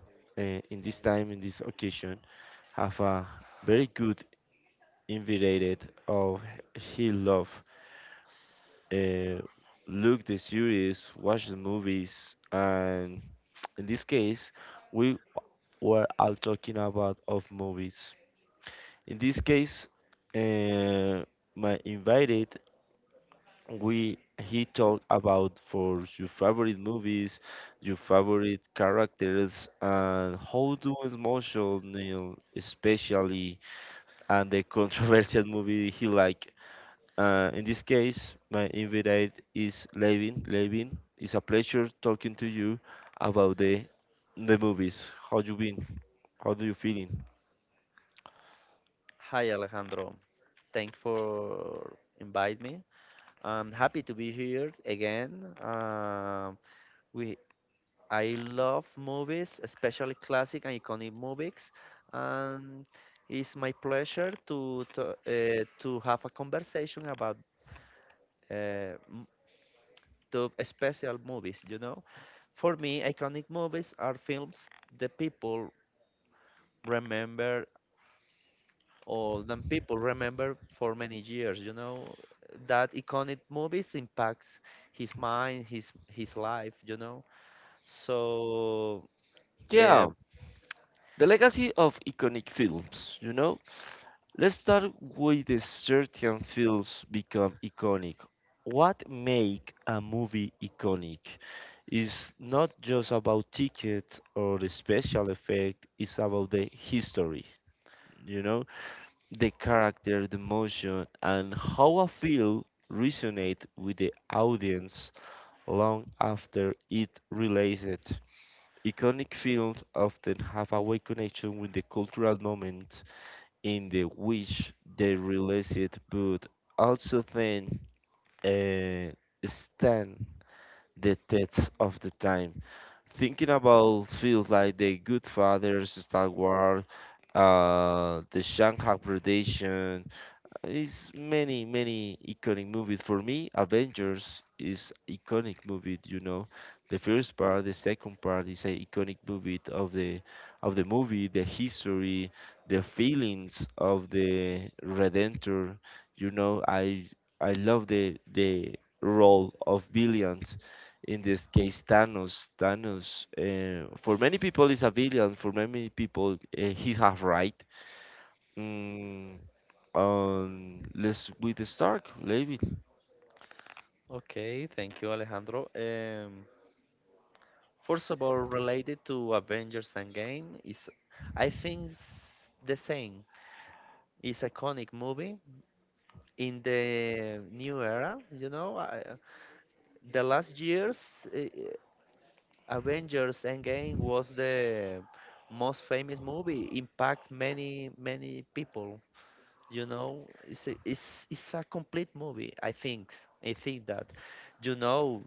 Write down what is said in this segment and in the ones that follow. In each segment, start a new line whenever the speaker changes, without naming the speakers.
In this time, in this occasion, have a very good invited of he love. Uh, look the series, watch the movies, and in this case, we were all talking about of movies. In this case, uh, my invited we he talked about for your favorite movies, your favorite characters, and how do emotional, especially and the controversial movie he like. In this case, my invite is Levin. Levin, it's a pleasure talking to you about the movies. How you been? How do you feeling?
Hi Alejandro, thanks for invite me. I'm happy to be here again. We I love movies, especially classic and iconic movies, and it's my pleasure to have a conversation about uh, m- the special movies. You know, for me, iconic movies are films the people remember all them people remember for many years. You know that iconic movies impacts his mind, his life. You know, so eh,
Yeah, the legacy of iconic films. You know, let's start with the certain films become iconic. What make a movie iconic is not just about tickets or the special effect, it's about the history, you know, the character, the motion, and how a film resonate with the audience long after it released. Iconic films often have a way connection with the cultural moment in the which they released but also then uh, stand the test of the time. Thinking about films like The Good Fathers, Star Wars, The Shanghai Predation, it's many, many iconic movies. For me, Avengers is iconic movie, you know. The first part, the second part is an iconic movie of the movie, the history, the feelings of the Redemptor, you know. I love the role of villain in this case Thanos. Thanos, for many people is a villain. For many people, he has right. Mm, let's with the Stark, maybe.
okay, thank you, Alejandro. First of all, related to Avengers Endgame is, I think, the same. It's iconic movie in the new era. The last years. Avengers Endgame was the most famous movie, impact many many people. You know, it's a complete movie. I think that, you know,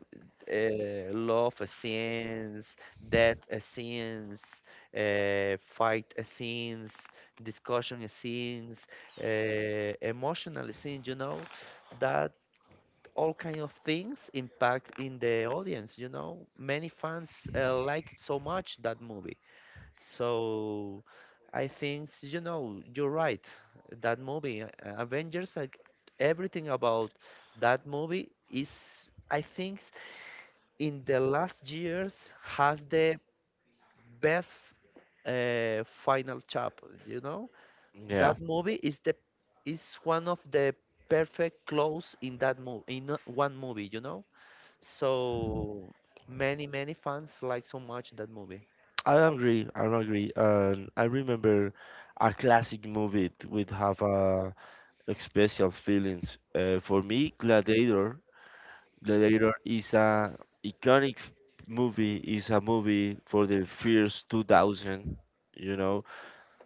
love scenes, death scenes, fight scenes, discussion scenes, uh, emotional scenes. You know, that all kind of things impact in the audience, you know, many fans like it so much that movie. So I think, you know, you're right that movie, Avengers, like everything about that movie is, I think, in the last years has the best final chapter. You know,
Yeah,
that movie is the is one of the perfect close in that movie in one movie, you know. So many, many fans like so much that movie.
I agree. I agree. And I remember a would have a special feelings. For me, Gladiator. Gladiator is a iconic movie. Is a movie for the first 2000. You know,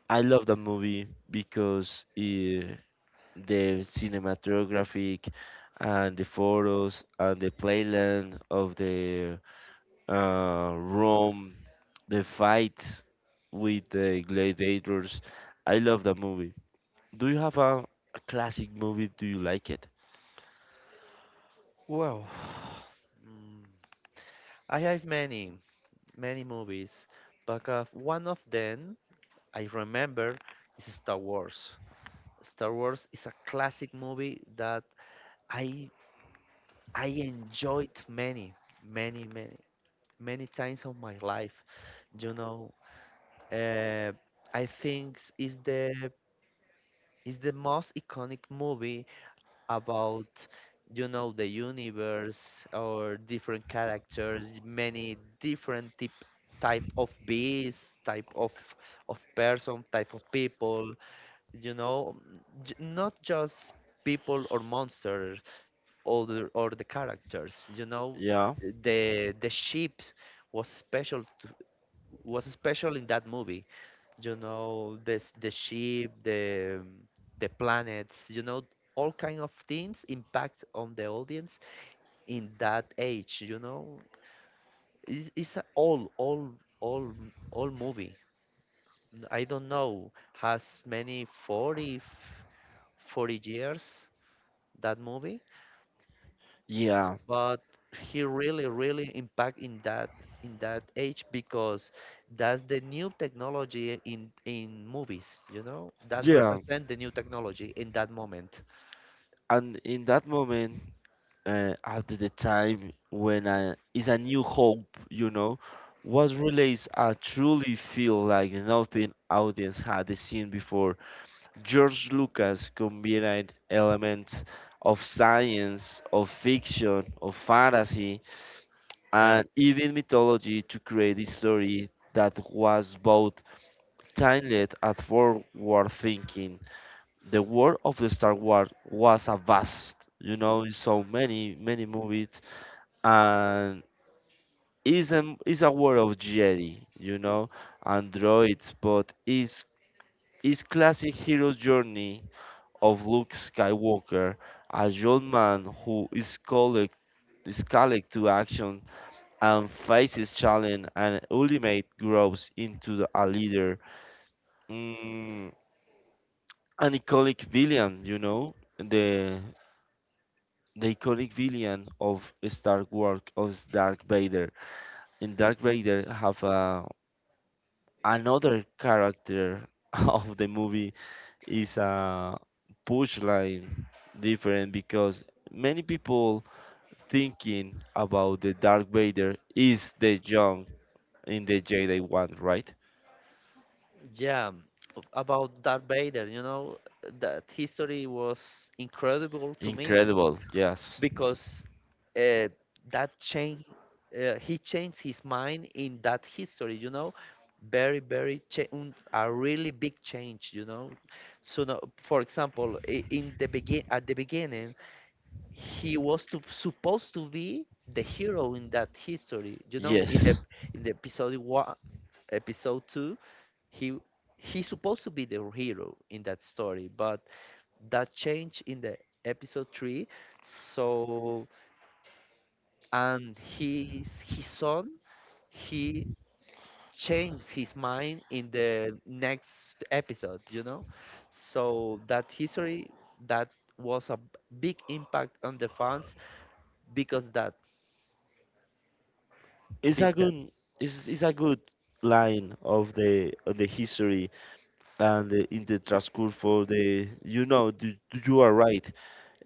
I love that movie because it, the cinematographic and the photos and the playland of the Rome, the fights with the gladiators. I love that movie. Do you have a classic movie? Do you like it?
Well, mm, I have many, many movies, but one of them I remember is Star Wars. Star Wars is a classic movie that I I enjoyed many, many, many, many times of my life. You know, uh, I think is the most iconic movie about, you know, the universe or different characters, many different type of beings, type of person, type of people, you know, not just people or monsters or or the characters, you know,
Yeah.
the ship was special to, was special in that movie, you know, the the ship, the planets, you know, all kind of things impact on the audience in that age, you know. It's, it's a all all movie. I don't know, has many 40 40 years that movie,
Yeah.
but he really really impact in that, in that age because that's the new technology in movies, you know, that
Yeah.
represent the new technology in that moment.
And in that moment, at the time when I, is a new hope, you know, was released. I truly feel like nothing audience had seen before. George Lucas combined elements of science, of fiction, of fantasy,
Yeah.
and even mythology to create a story that was both timeless and forward thinking. The world of the Star Wars was a vast, you know, in so many, many movies and is a world of Jedi, you know, androids, but is classic hero's journey of Luke Skywalker, a young man who is called to action and faces challenge and ultimate grows into a leader, mm, an iconic villain, you know, the iconic villain of Star Wars of Dark Vader. And Dark Vader have a another character of the movie is a push line different because many people thinking about the Dark Vader is the young in the Jedi one, right?
Yeah, about Darth Vader, you know, that history was incredible to me
Incredible, yes.
because uh, that change, he changed his mind in that history, you know, a really big change, you know. So, now, for example, I- in the begin at the beginning, supposed to be the hero in that history, you know,
Yes,
in the episode one, episode two, he he's supposed to be the hero in that story, but that change in the episode three. So and his son, he changed his mind in the next episode. You know, so that history, that was a big impact on the fans because that
it's
big
a
that.
good it's a good line of the history and in the transcourse for the you know you are right.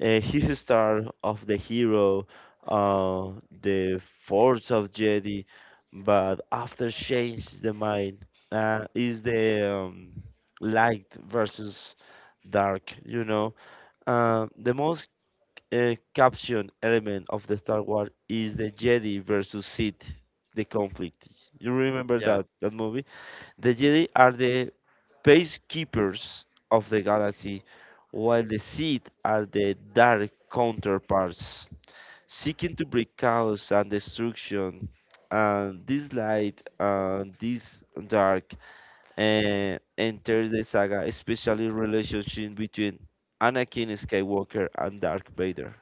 Uh, his star of the hero, uh, the force of jedi, but after change the mind, is the light versus dark, you know. Uh, the most caption element of the Star Wars is the Jedi versus Sith, the conflict. You remember
Yeah.
that movie. The Jedi are the peacekeepers of the galaxy, while the Sith are the dark counterparts, seeking to bring chaos and destruction. And this light and this dark enters the saga, especially relationship between Anakin Skywalker and Darth Vader.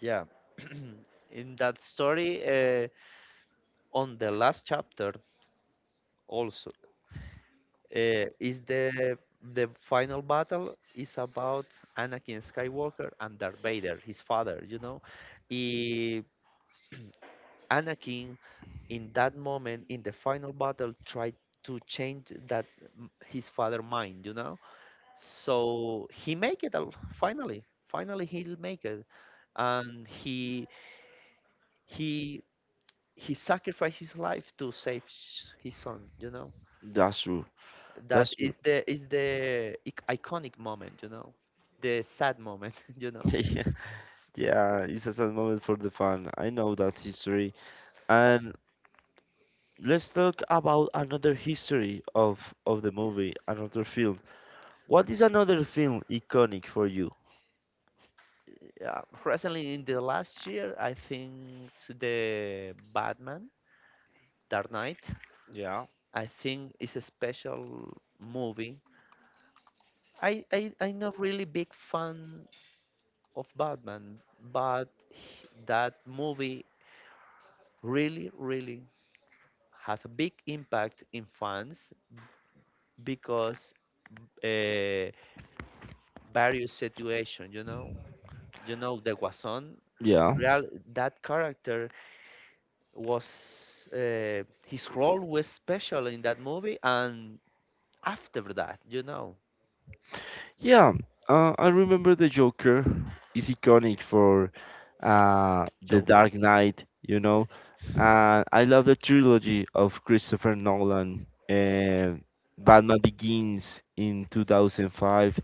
Yeah. In that story, on the last chapter also, is the final battle is about Anakin Skywalker and Darth Vader, his father, you know. I Anakin in that moment in the final battle tried to change that his father mind, you know. So he make it finally. Finally he'll make it. And he he sacrificed his life to save his son, you know.
That's true.
That
That's true.
is the iconic moment, you know, the sad moment. You know,
Yeah, it's a sad moment for the fan. I know that history. And let's talk about another history of the movie, another film. What is another film iconic for you?
yeah, recently in the last year I think, the Batman Dark Knight.
Yeah.
I think is a special movie. I'm not really big fan of Batman, but that movie really really has a big impact in fans because, uh, various situations, you know, you know the Guasón.
Yeah.
Real, that character was, his role was special in that movie, and after that, you know,
Yeah, I remember the Joker is iconic for The
Joe.
Dark Knight, you know. I love the trilogy of Christopher Nolan, Batman Begins in 2005,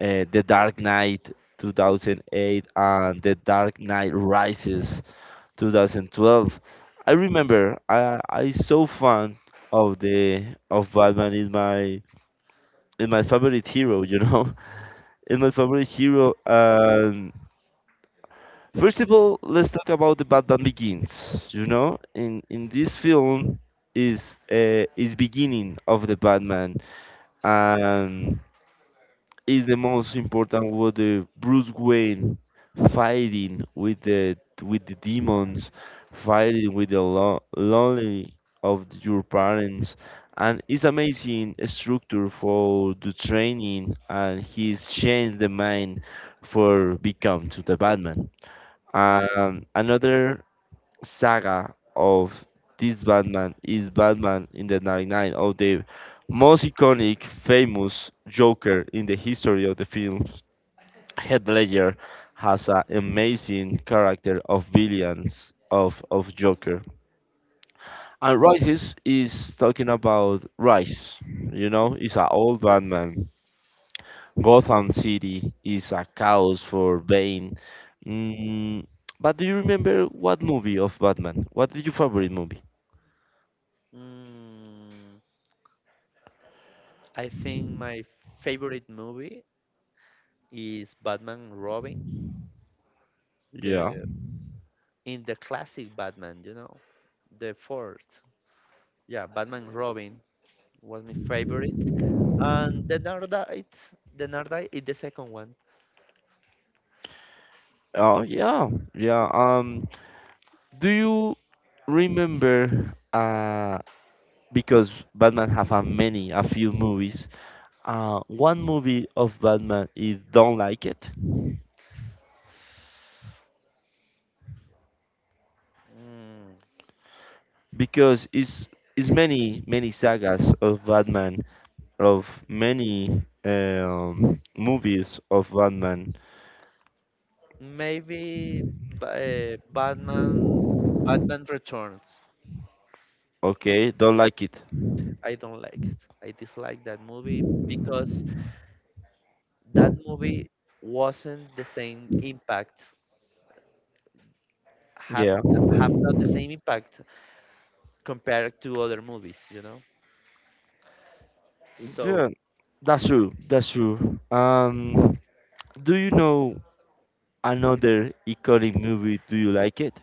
The Dark Knight 2008, and The Dark Knight Rises 2012. I remember I so fan of the of Batman is my favorite hero, you know, in my favorite hero. And first of all, let's talk about the Batman Begins. You know, in this film is beginning of the Batman, and is the most important with the Bruce Wayne fighting with the demons, fighting with the lonely of your parents, and it's amazing structure for the training, and he's changed the mind for become to the Batman. Another saga of this Batman is Batman in the 99 of the most iconic, famous Joker in the history of the films. Heath Ledger has an amazing character of villains of Joker. And Rises is talking about Rise, you know, it's an old Batman. Gotham City is a chaos for Bane. Mm, but do you remember what movie of Batman? What is your favorite movie?
Mm, I think my favorite movie is Batman and Robin,
Yeah.
the in the classic Batman, you know, the fourth. Yeah, Batman and Robin was my favorite, and the Dark Knight is the second one.
Oh yeah, yeah. Do you remember? Because Batman have a many, a few movies. One movie of Batman is Don't Like It
Mm,
because it's many many sagas of Batman of many movies of Batman.
Maybe Batman, Batman Returns.
Okay, Don't Like It.
I don't like it. I dislike that movie because that movie wasn't the same impact. Have
Yeah,
have not the same impact compared to other movies, you know. So
yeah. That's true. That's true. Do you know another iconic movie? Do you like it?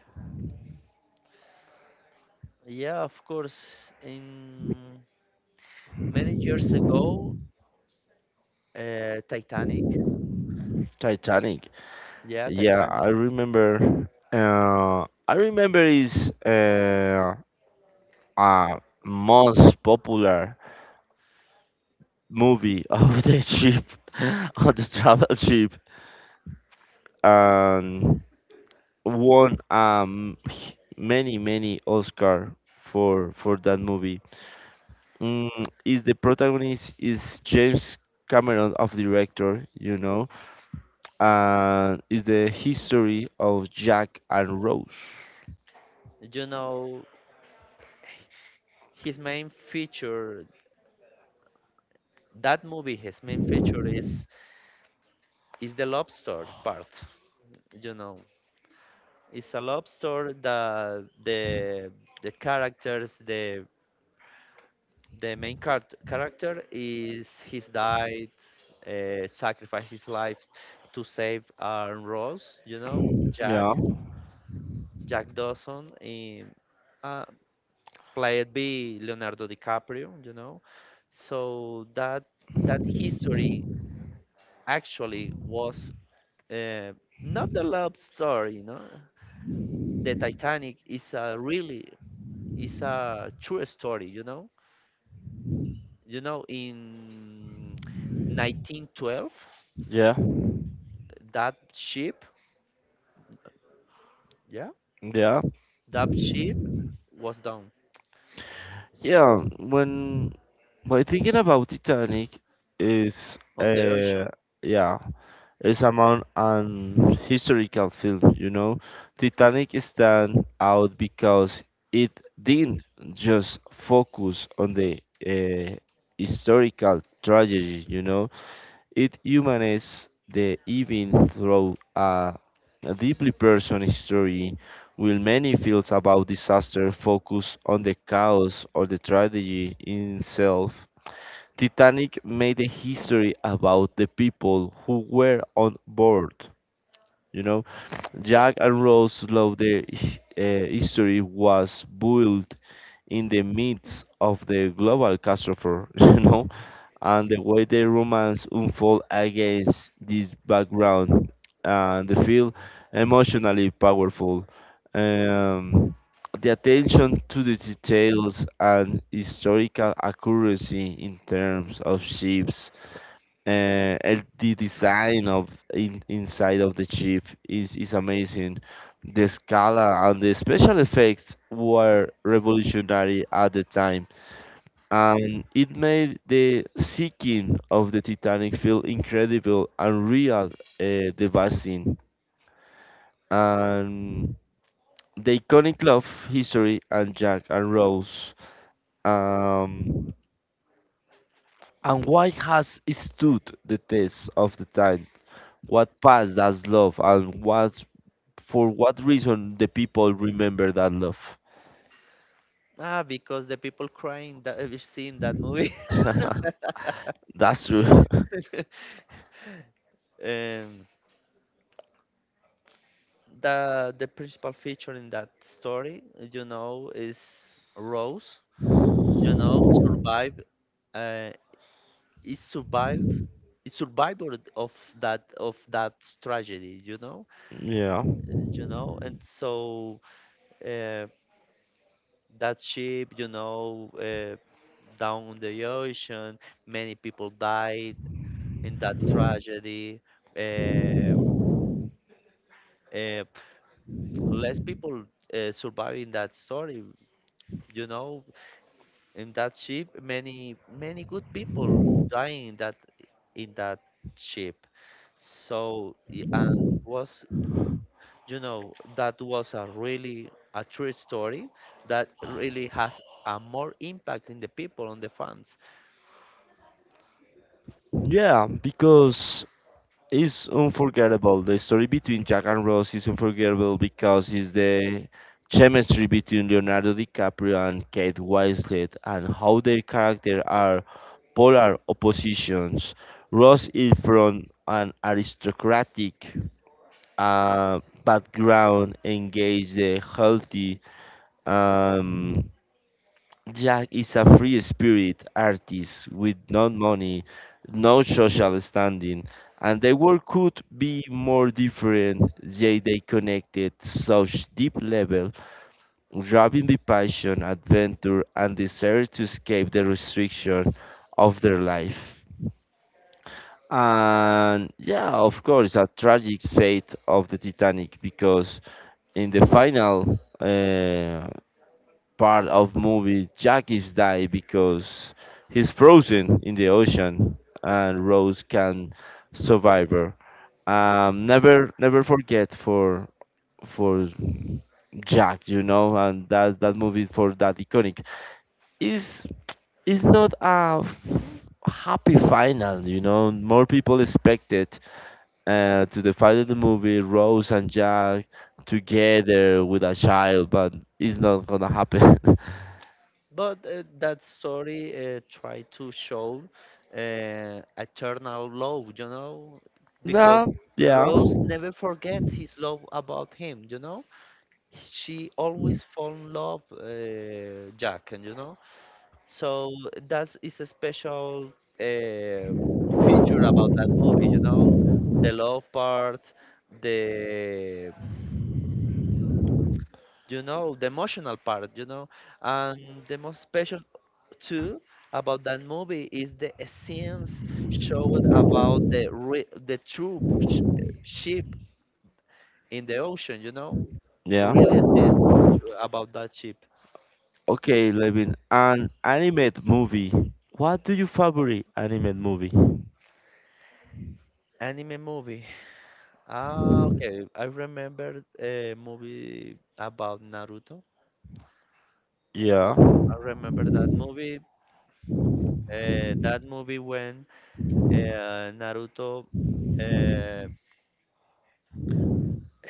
yeah, of course. In many years ago, Titanic.
Titanic.
Yeah,
Yeah,
Titanic.
I remember. I remember is a most popular movie of the ship, of the travel ship, and won many many Oscar for that movie. Mm, is the protagonist is James Cameron of director, you know, and is the history of Jack and Rose.
You know, his main feature. That movie, his main feature is the lobster part. You know, it's a lobster that the characters, the main character is he's died, sacrificed his life to save Aaron Ross. You know, Jack
Yeah,
Jack Dawson, in, uh, played by Leonardo DiCaprio. You know, so that history actually was, uh, not the love story. You know, the Titanic is a really is a true story, you know. You know, in 1912,
yeah,
that ship, yeah,
yeah,
that ship was down
yeah. When by thinking about Titanic is
on the ocean.
yeah, it's among an historical film, you know. Titanic stand out because it didn't just focus on the uh, historical tragedy, you know. It humanizes the event through a deeply personal history, while many films about disaster focus on the chaos or the tragedy in itself. Titanic made a history about the people who were on board. You know, Jack and Rose Love the history was built in the midst of the global catastrophe, you know, and the way the romance unfold against this background and the feel emotionally powerful. Um, the attention to the details and historical accuracy in terms of ships uh, and the design of inside of the chip is amazing. The Scala and the special effects were revolutionary at the time, and it made the sinking of the Titanic feel incredible and real, devastating. And the iconic love history and Jack and Rose. Um, and why has it stood the test of the time? What passed does love and what for what reason the people remember that love?
Ah, because the people crying that we've seen that movie.
That's true.
um, the principal feature in that story, you know, is Rose. You know, survive. uh, It survived. It survivor of that tragedy, you know.
Yeah.
You know and so, uh, that ship, you know, down on the ocean, many people died in that tragedy, uh, uh, less people surviving that story, you know, in that ship many many good people dying in that ship. So and was, you know, that was a really a true story that really has a more impact in the people on the fans.
Yeah, because it's unforgettable. The story between Jack and Rose is unforgettable because it's the chemistry between Leonardo DiCaprio and Kate Winslet and how their characters are polar oppositions. Rose is from an aristocratic background, engage the healthy. Um, Jack is a free spirit artist with no money, no social standing, and their work could be more different. Yet they connected such deep level, driving the passion, adventure, and desire to escape the restriction of their life. And yeah, of course, a tragic fate of the Titanic because in the final part of movie Jack is die because he's frozen in the ocean and Rose can survive her. Never forget for Jack, you know, and that movie for that iconic is is not a f- happy final, you know. More people expected to the fight of the movie, Rose and Jack together with a child, but it's not gonna happen.
But that story, tried to show eternal love, you know, because
No, yeah,
Rose never forgets his love about him, you know, she always fall in love, Jack, and you know. So that is a special uh, feature about that movie, you know, the love part, the you know, the emotional part, you know, and the most special too about that movie is the scenes showed about the true sh ship in the ocean, you know,
yeah.
really scenes about that ship.
Okay, Levin, an animated movie. What do you favorite animated movie?
Anime movie. Ah, okay. I remember a movie about Naruto.
Yeah,
I remember that movie. That movie when Naruto uh,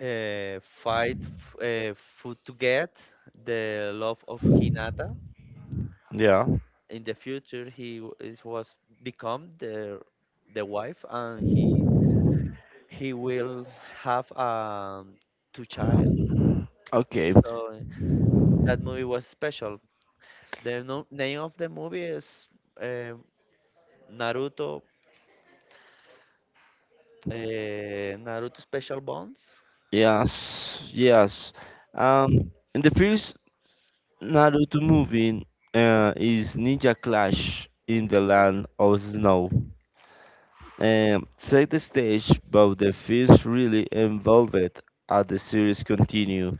fight for, to get the love of Hinata.
yeah.
In the future, was become the wife, and he will have two childs.
Okay.
So that movie was special. The no name of the movie is uh, Naruto, uh, Naruto Special Bonds.
Yes, yes. In the first Naruto movie, is Ninja Clash in the Land of Snow. Set the stage, but the films really evolved as the series continue.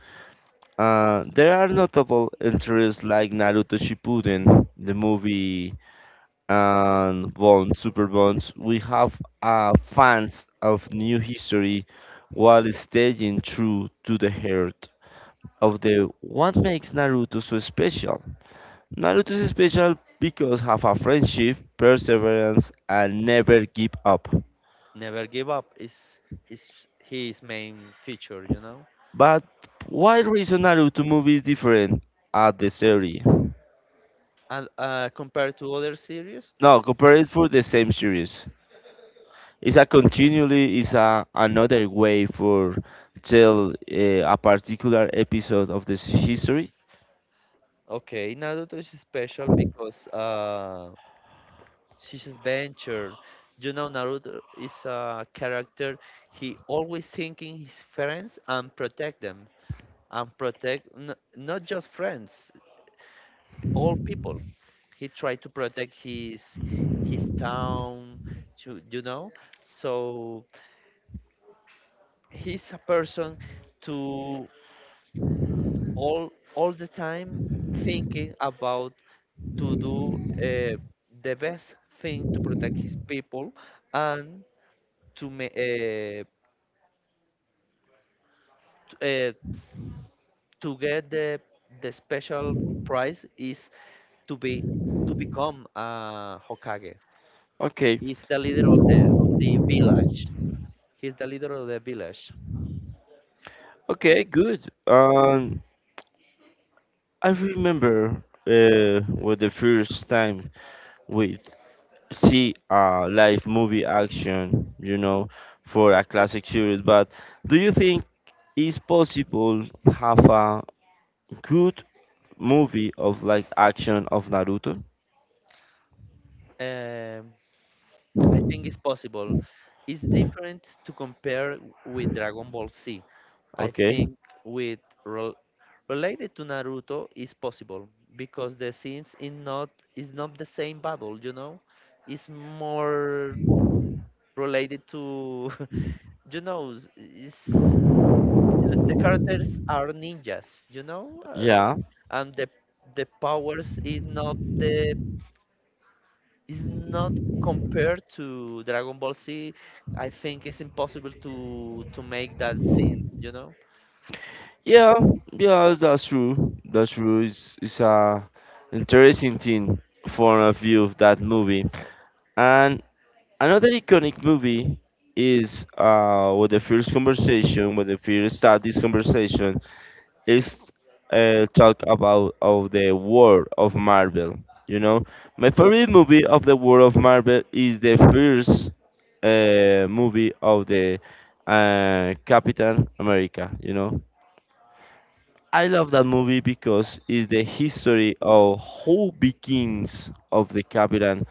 There are notable entries like Naruto Shippuden, the movie, and Bond, Super Bonds. We have fans of new history while staying true to the heart of the what makes Naruto so special. Naruto is special because have a friendship, perseverance, and never give up.
Never Give Up is his his main feature, you know.
But why reason Naruto movie is different at the series?
And compared to other series,
No, compare it for the same series. It's a continually is a another way for tell a particular episode of this history.
okay, Naruto is special because, she's adventure. You know, Naruto is a character. He always thinking his friends and protect them and protect not just friends, all people. He tried to protect his town, to, you know. So he's a person to all the time thinking about to do uh, the best thing to protect his people and to ma- uh, t- uh, to get the special prize is to be to become Hokage.
Okay,
He's the leader of the village. He's the leader of the village.
okay, good. I remember was the first time with see a live movie action, you know, for a classic series. But do you think it's possible have a good movie of like action of Naruto?
Um, I think it's possible. It's different to compare with Dragon Ball Z. I
Okay,
think with rel related to Naruto is possible because the scenes in not is not the same battle, you know? It's more related to you know, is the characters are ninjas, you know?
yeah,
And the powers is not the is not compared to Dragon Ball Z. I think it's impossible to make that scenes, you know.
yeah, yeah. That's true. That's true. It's a interesting thing for a view of that movie. And another iconic movie is with the first conversation, when the first start this conversation is talk about of the world of Marvel. You know, my favorite movie of the world of Marvel is the first movie of the Captain America. You know, I love that movie because it's the history of who begins of the Captain.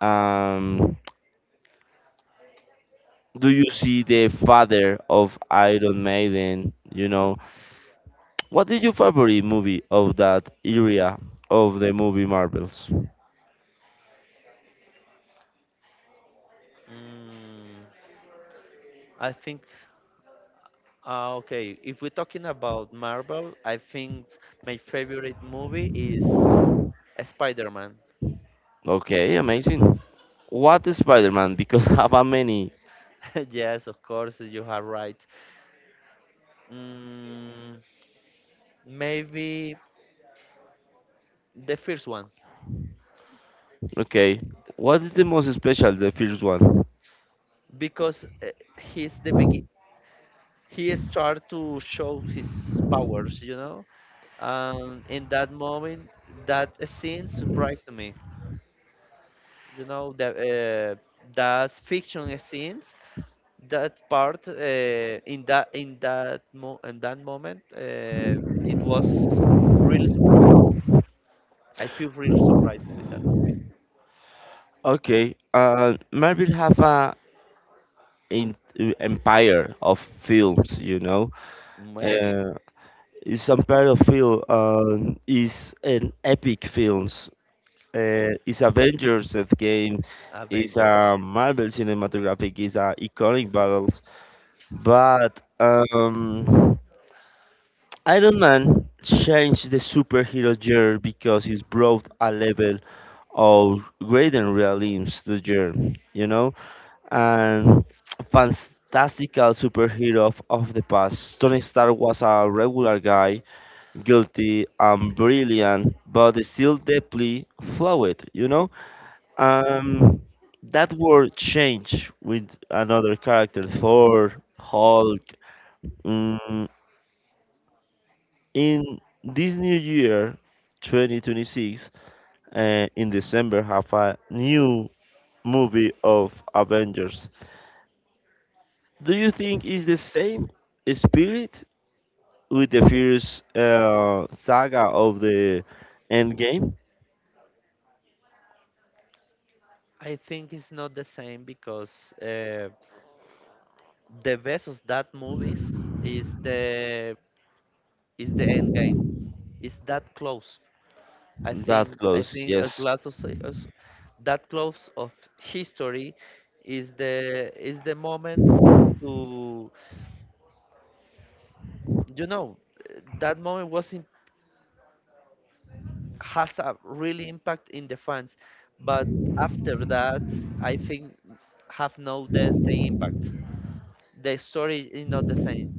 Um, do you see the father of Iron Maiden? What is your favorite movie of that area of the movie Marvels?
Mm, I think okay, if we're talking about Marvel, I think my favorite movie is Spider-Man.
Okay, amazing. What is Spider-Man? Because have a many.
Yes, of course, you are right. Mm, Maybe the first one
Okay. What is the most special, the first one?
because he's the begin he start to show his powers, you know. In that moment, that scene surprised me. You know, the that fiction scenes, that part, in that moment, it was really surprised. I feel real surprised with that movie.
Okay. Marvel have a in, empire of films, you know.
Many.
Uh, it's empire of film. Is an epic films. It's Avengers of game. It's
Avenger.
a Marvel cinematographic. It's a iconic battle. But Iron Man changed the superhero genre because he's brought a level of greater realism to the genre, you know? And fantastical superhero of the past. Tony Stark was a regular guy, guilty and brilliant, but still deeply flawed, you know? Um, that world changed with another character, Thor, Hulk, mm, in this new year, 2026, uh, in December, have a new movie of Avengers. Do you think is the same spirit with the first saga of the Endgame?
I think it's not the same because, the best of that movies is the is the end game. It's that close.
That
I
close,
think a
yes,
glass of, that close of history is the moment to, you know, that moment was in, has a really impact in the fans, but after that I think have no the same impact. The story is not the same.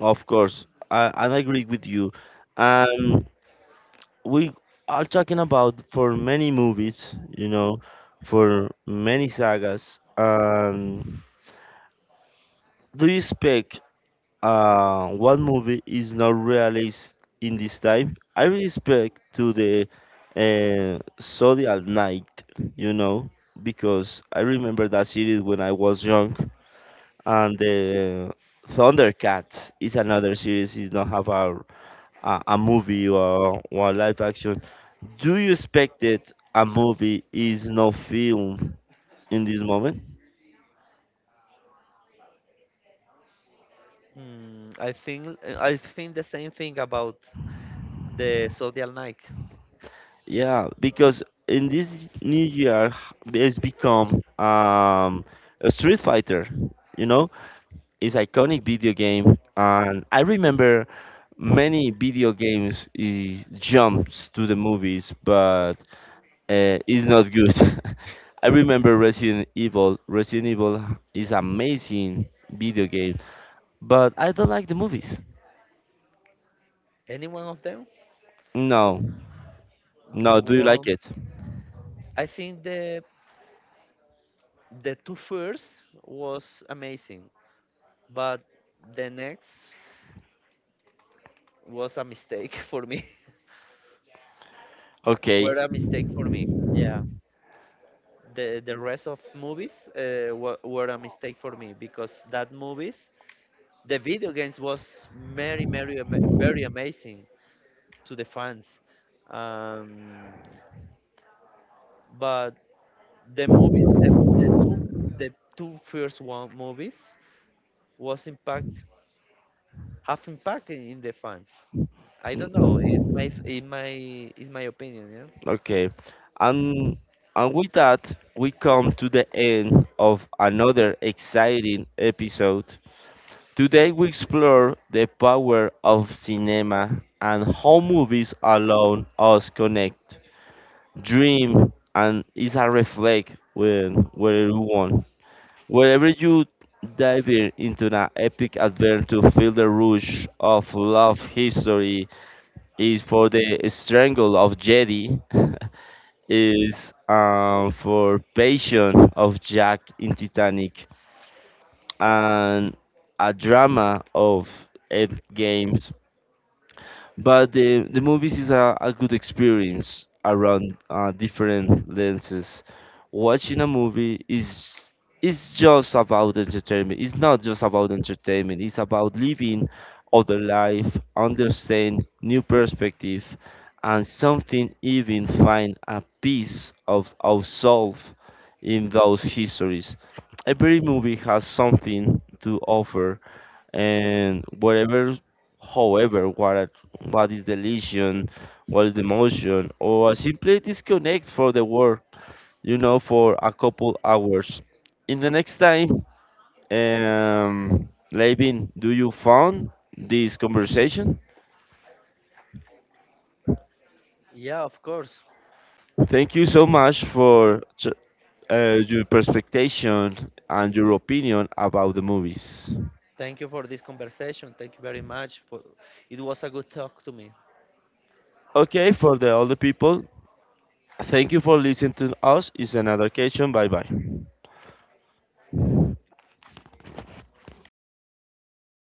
of course. I agree with you. Um, we are talking about for many movies, you know, for many sagas. Do you expect one movie is not released in this time, I respect to the Zodiac Night, you know, because I remember that series when I was young, and the Thundercats is another series. Is not have a a movie or live action. Do you expect that a movie is not film in this moment?
I think the same thing about the Zodiac Nike.
Yeah, because in this new year h- it's become a Street Fighter, you know, it's iconic video game, and I remember many video games eh, jumps to the movies, but it's not good. I remember Resident Evil. Resident Evil is amazing video game, but I don't like the movies.
Any one of them?
No, no. Do you like
Well,
it?
I think the two first was amazing, but the next was a mistake for me.
Okay.
Were a mistake for me. The rest of movies, were a mistake for me because that movies, the video games was very amazing to the fans, um, but the movies, two, the two first one movies was impact, have impact in the fans. I don't know. It's my f- in my is my opinion. Yeah.
Okay. And and with that, we come to the end of another exciting episode. Today we explore the power of cinema and how movies allow us connect, dream, and is a reflect when wherever you want. Wherever you dive in into an epic adventure, feel the rush of love history is for the strangle of Jedi is for Passion of Jack in Titanic and a drama of Ed Games. But the movies is a good experience around different lenses. Watching a movie is just about entertainment, it's not just about entertainment, it's about living other life, understand new perspective, and something even find a piece of ourselves in those histories. Every movie has something to offer. And whatever, however, what are- what is the lesion, what is the motion, or simply disconnect for the world, you know, for a couple hours. In the next time, Levin, do you found this conversation?
Yeah, of course.
Thank you so much for ch- your perspective and your opinion about the movies.
Thank you for this conversation. Thank you very much for. It was a good talk to me.
Okay, for the older people, thank you for listening to us. It's another occasion. Bye bye.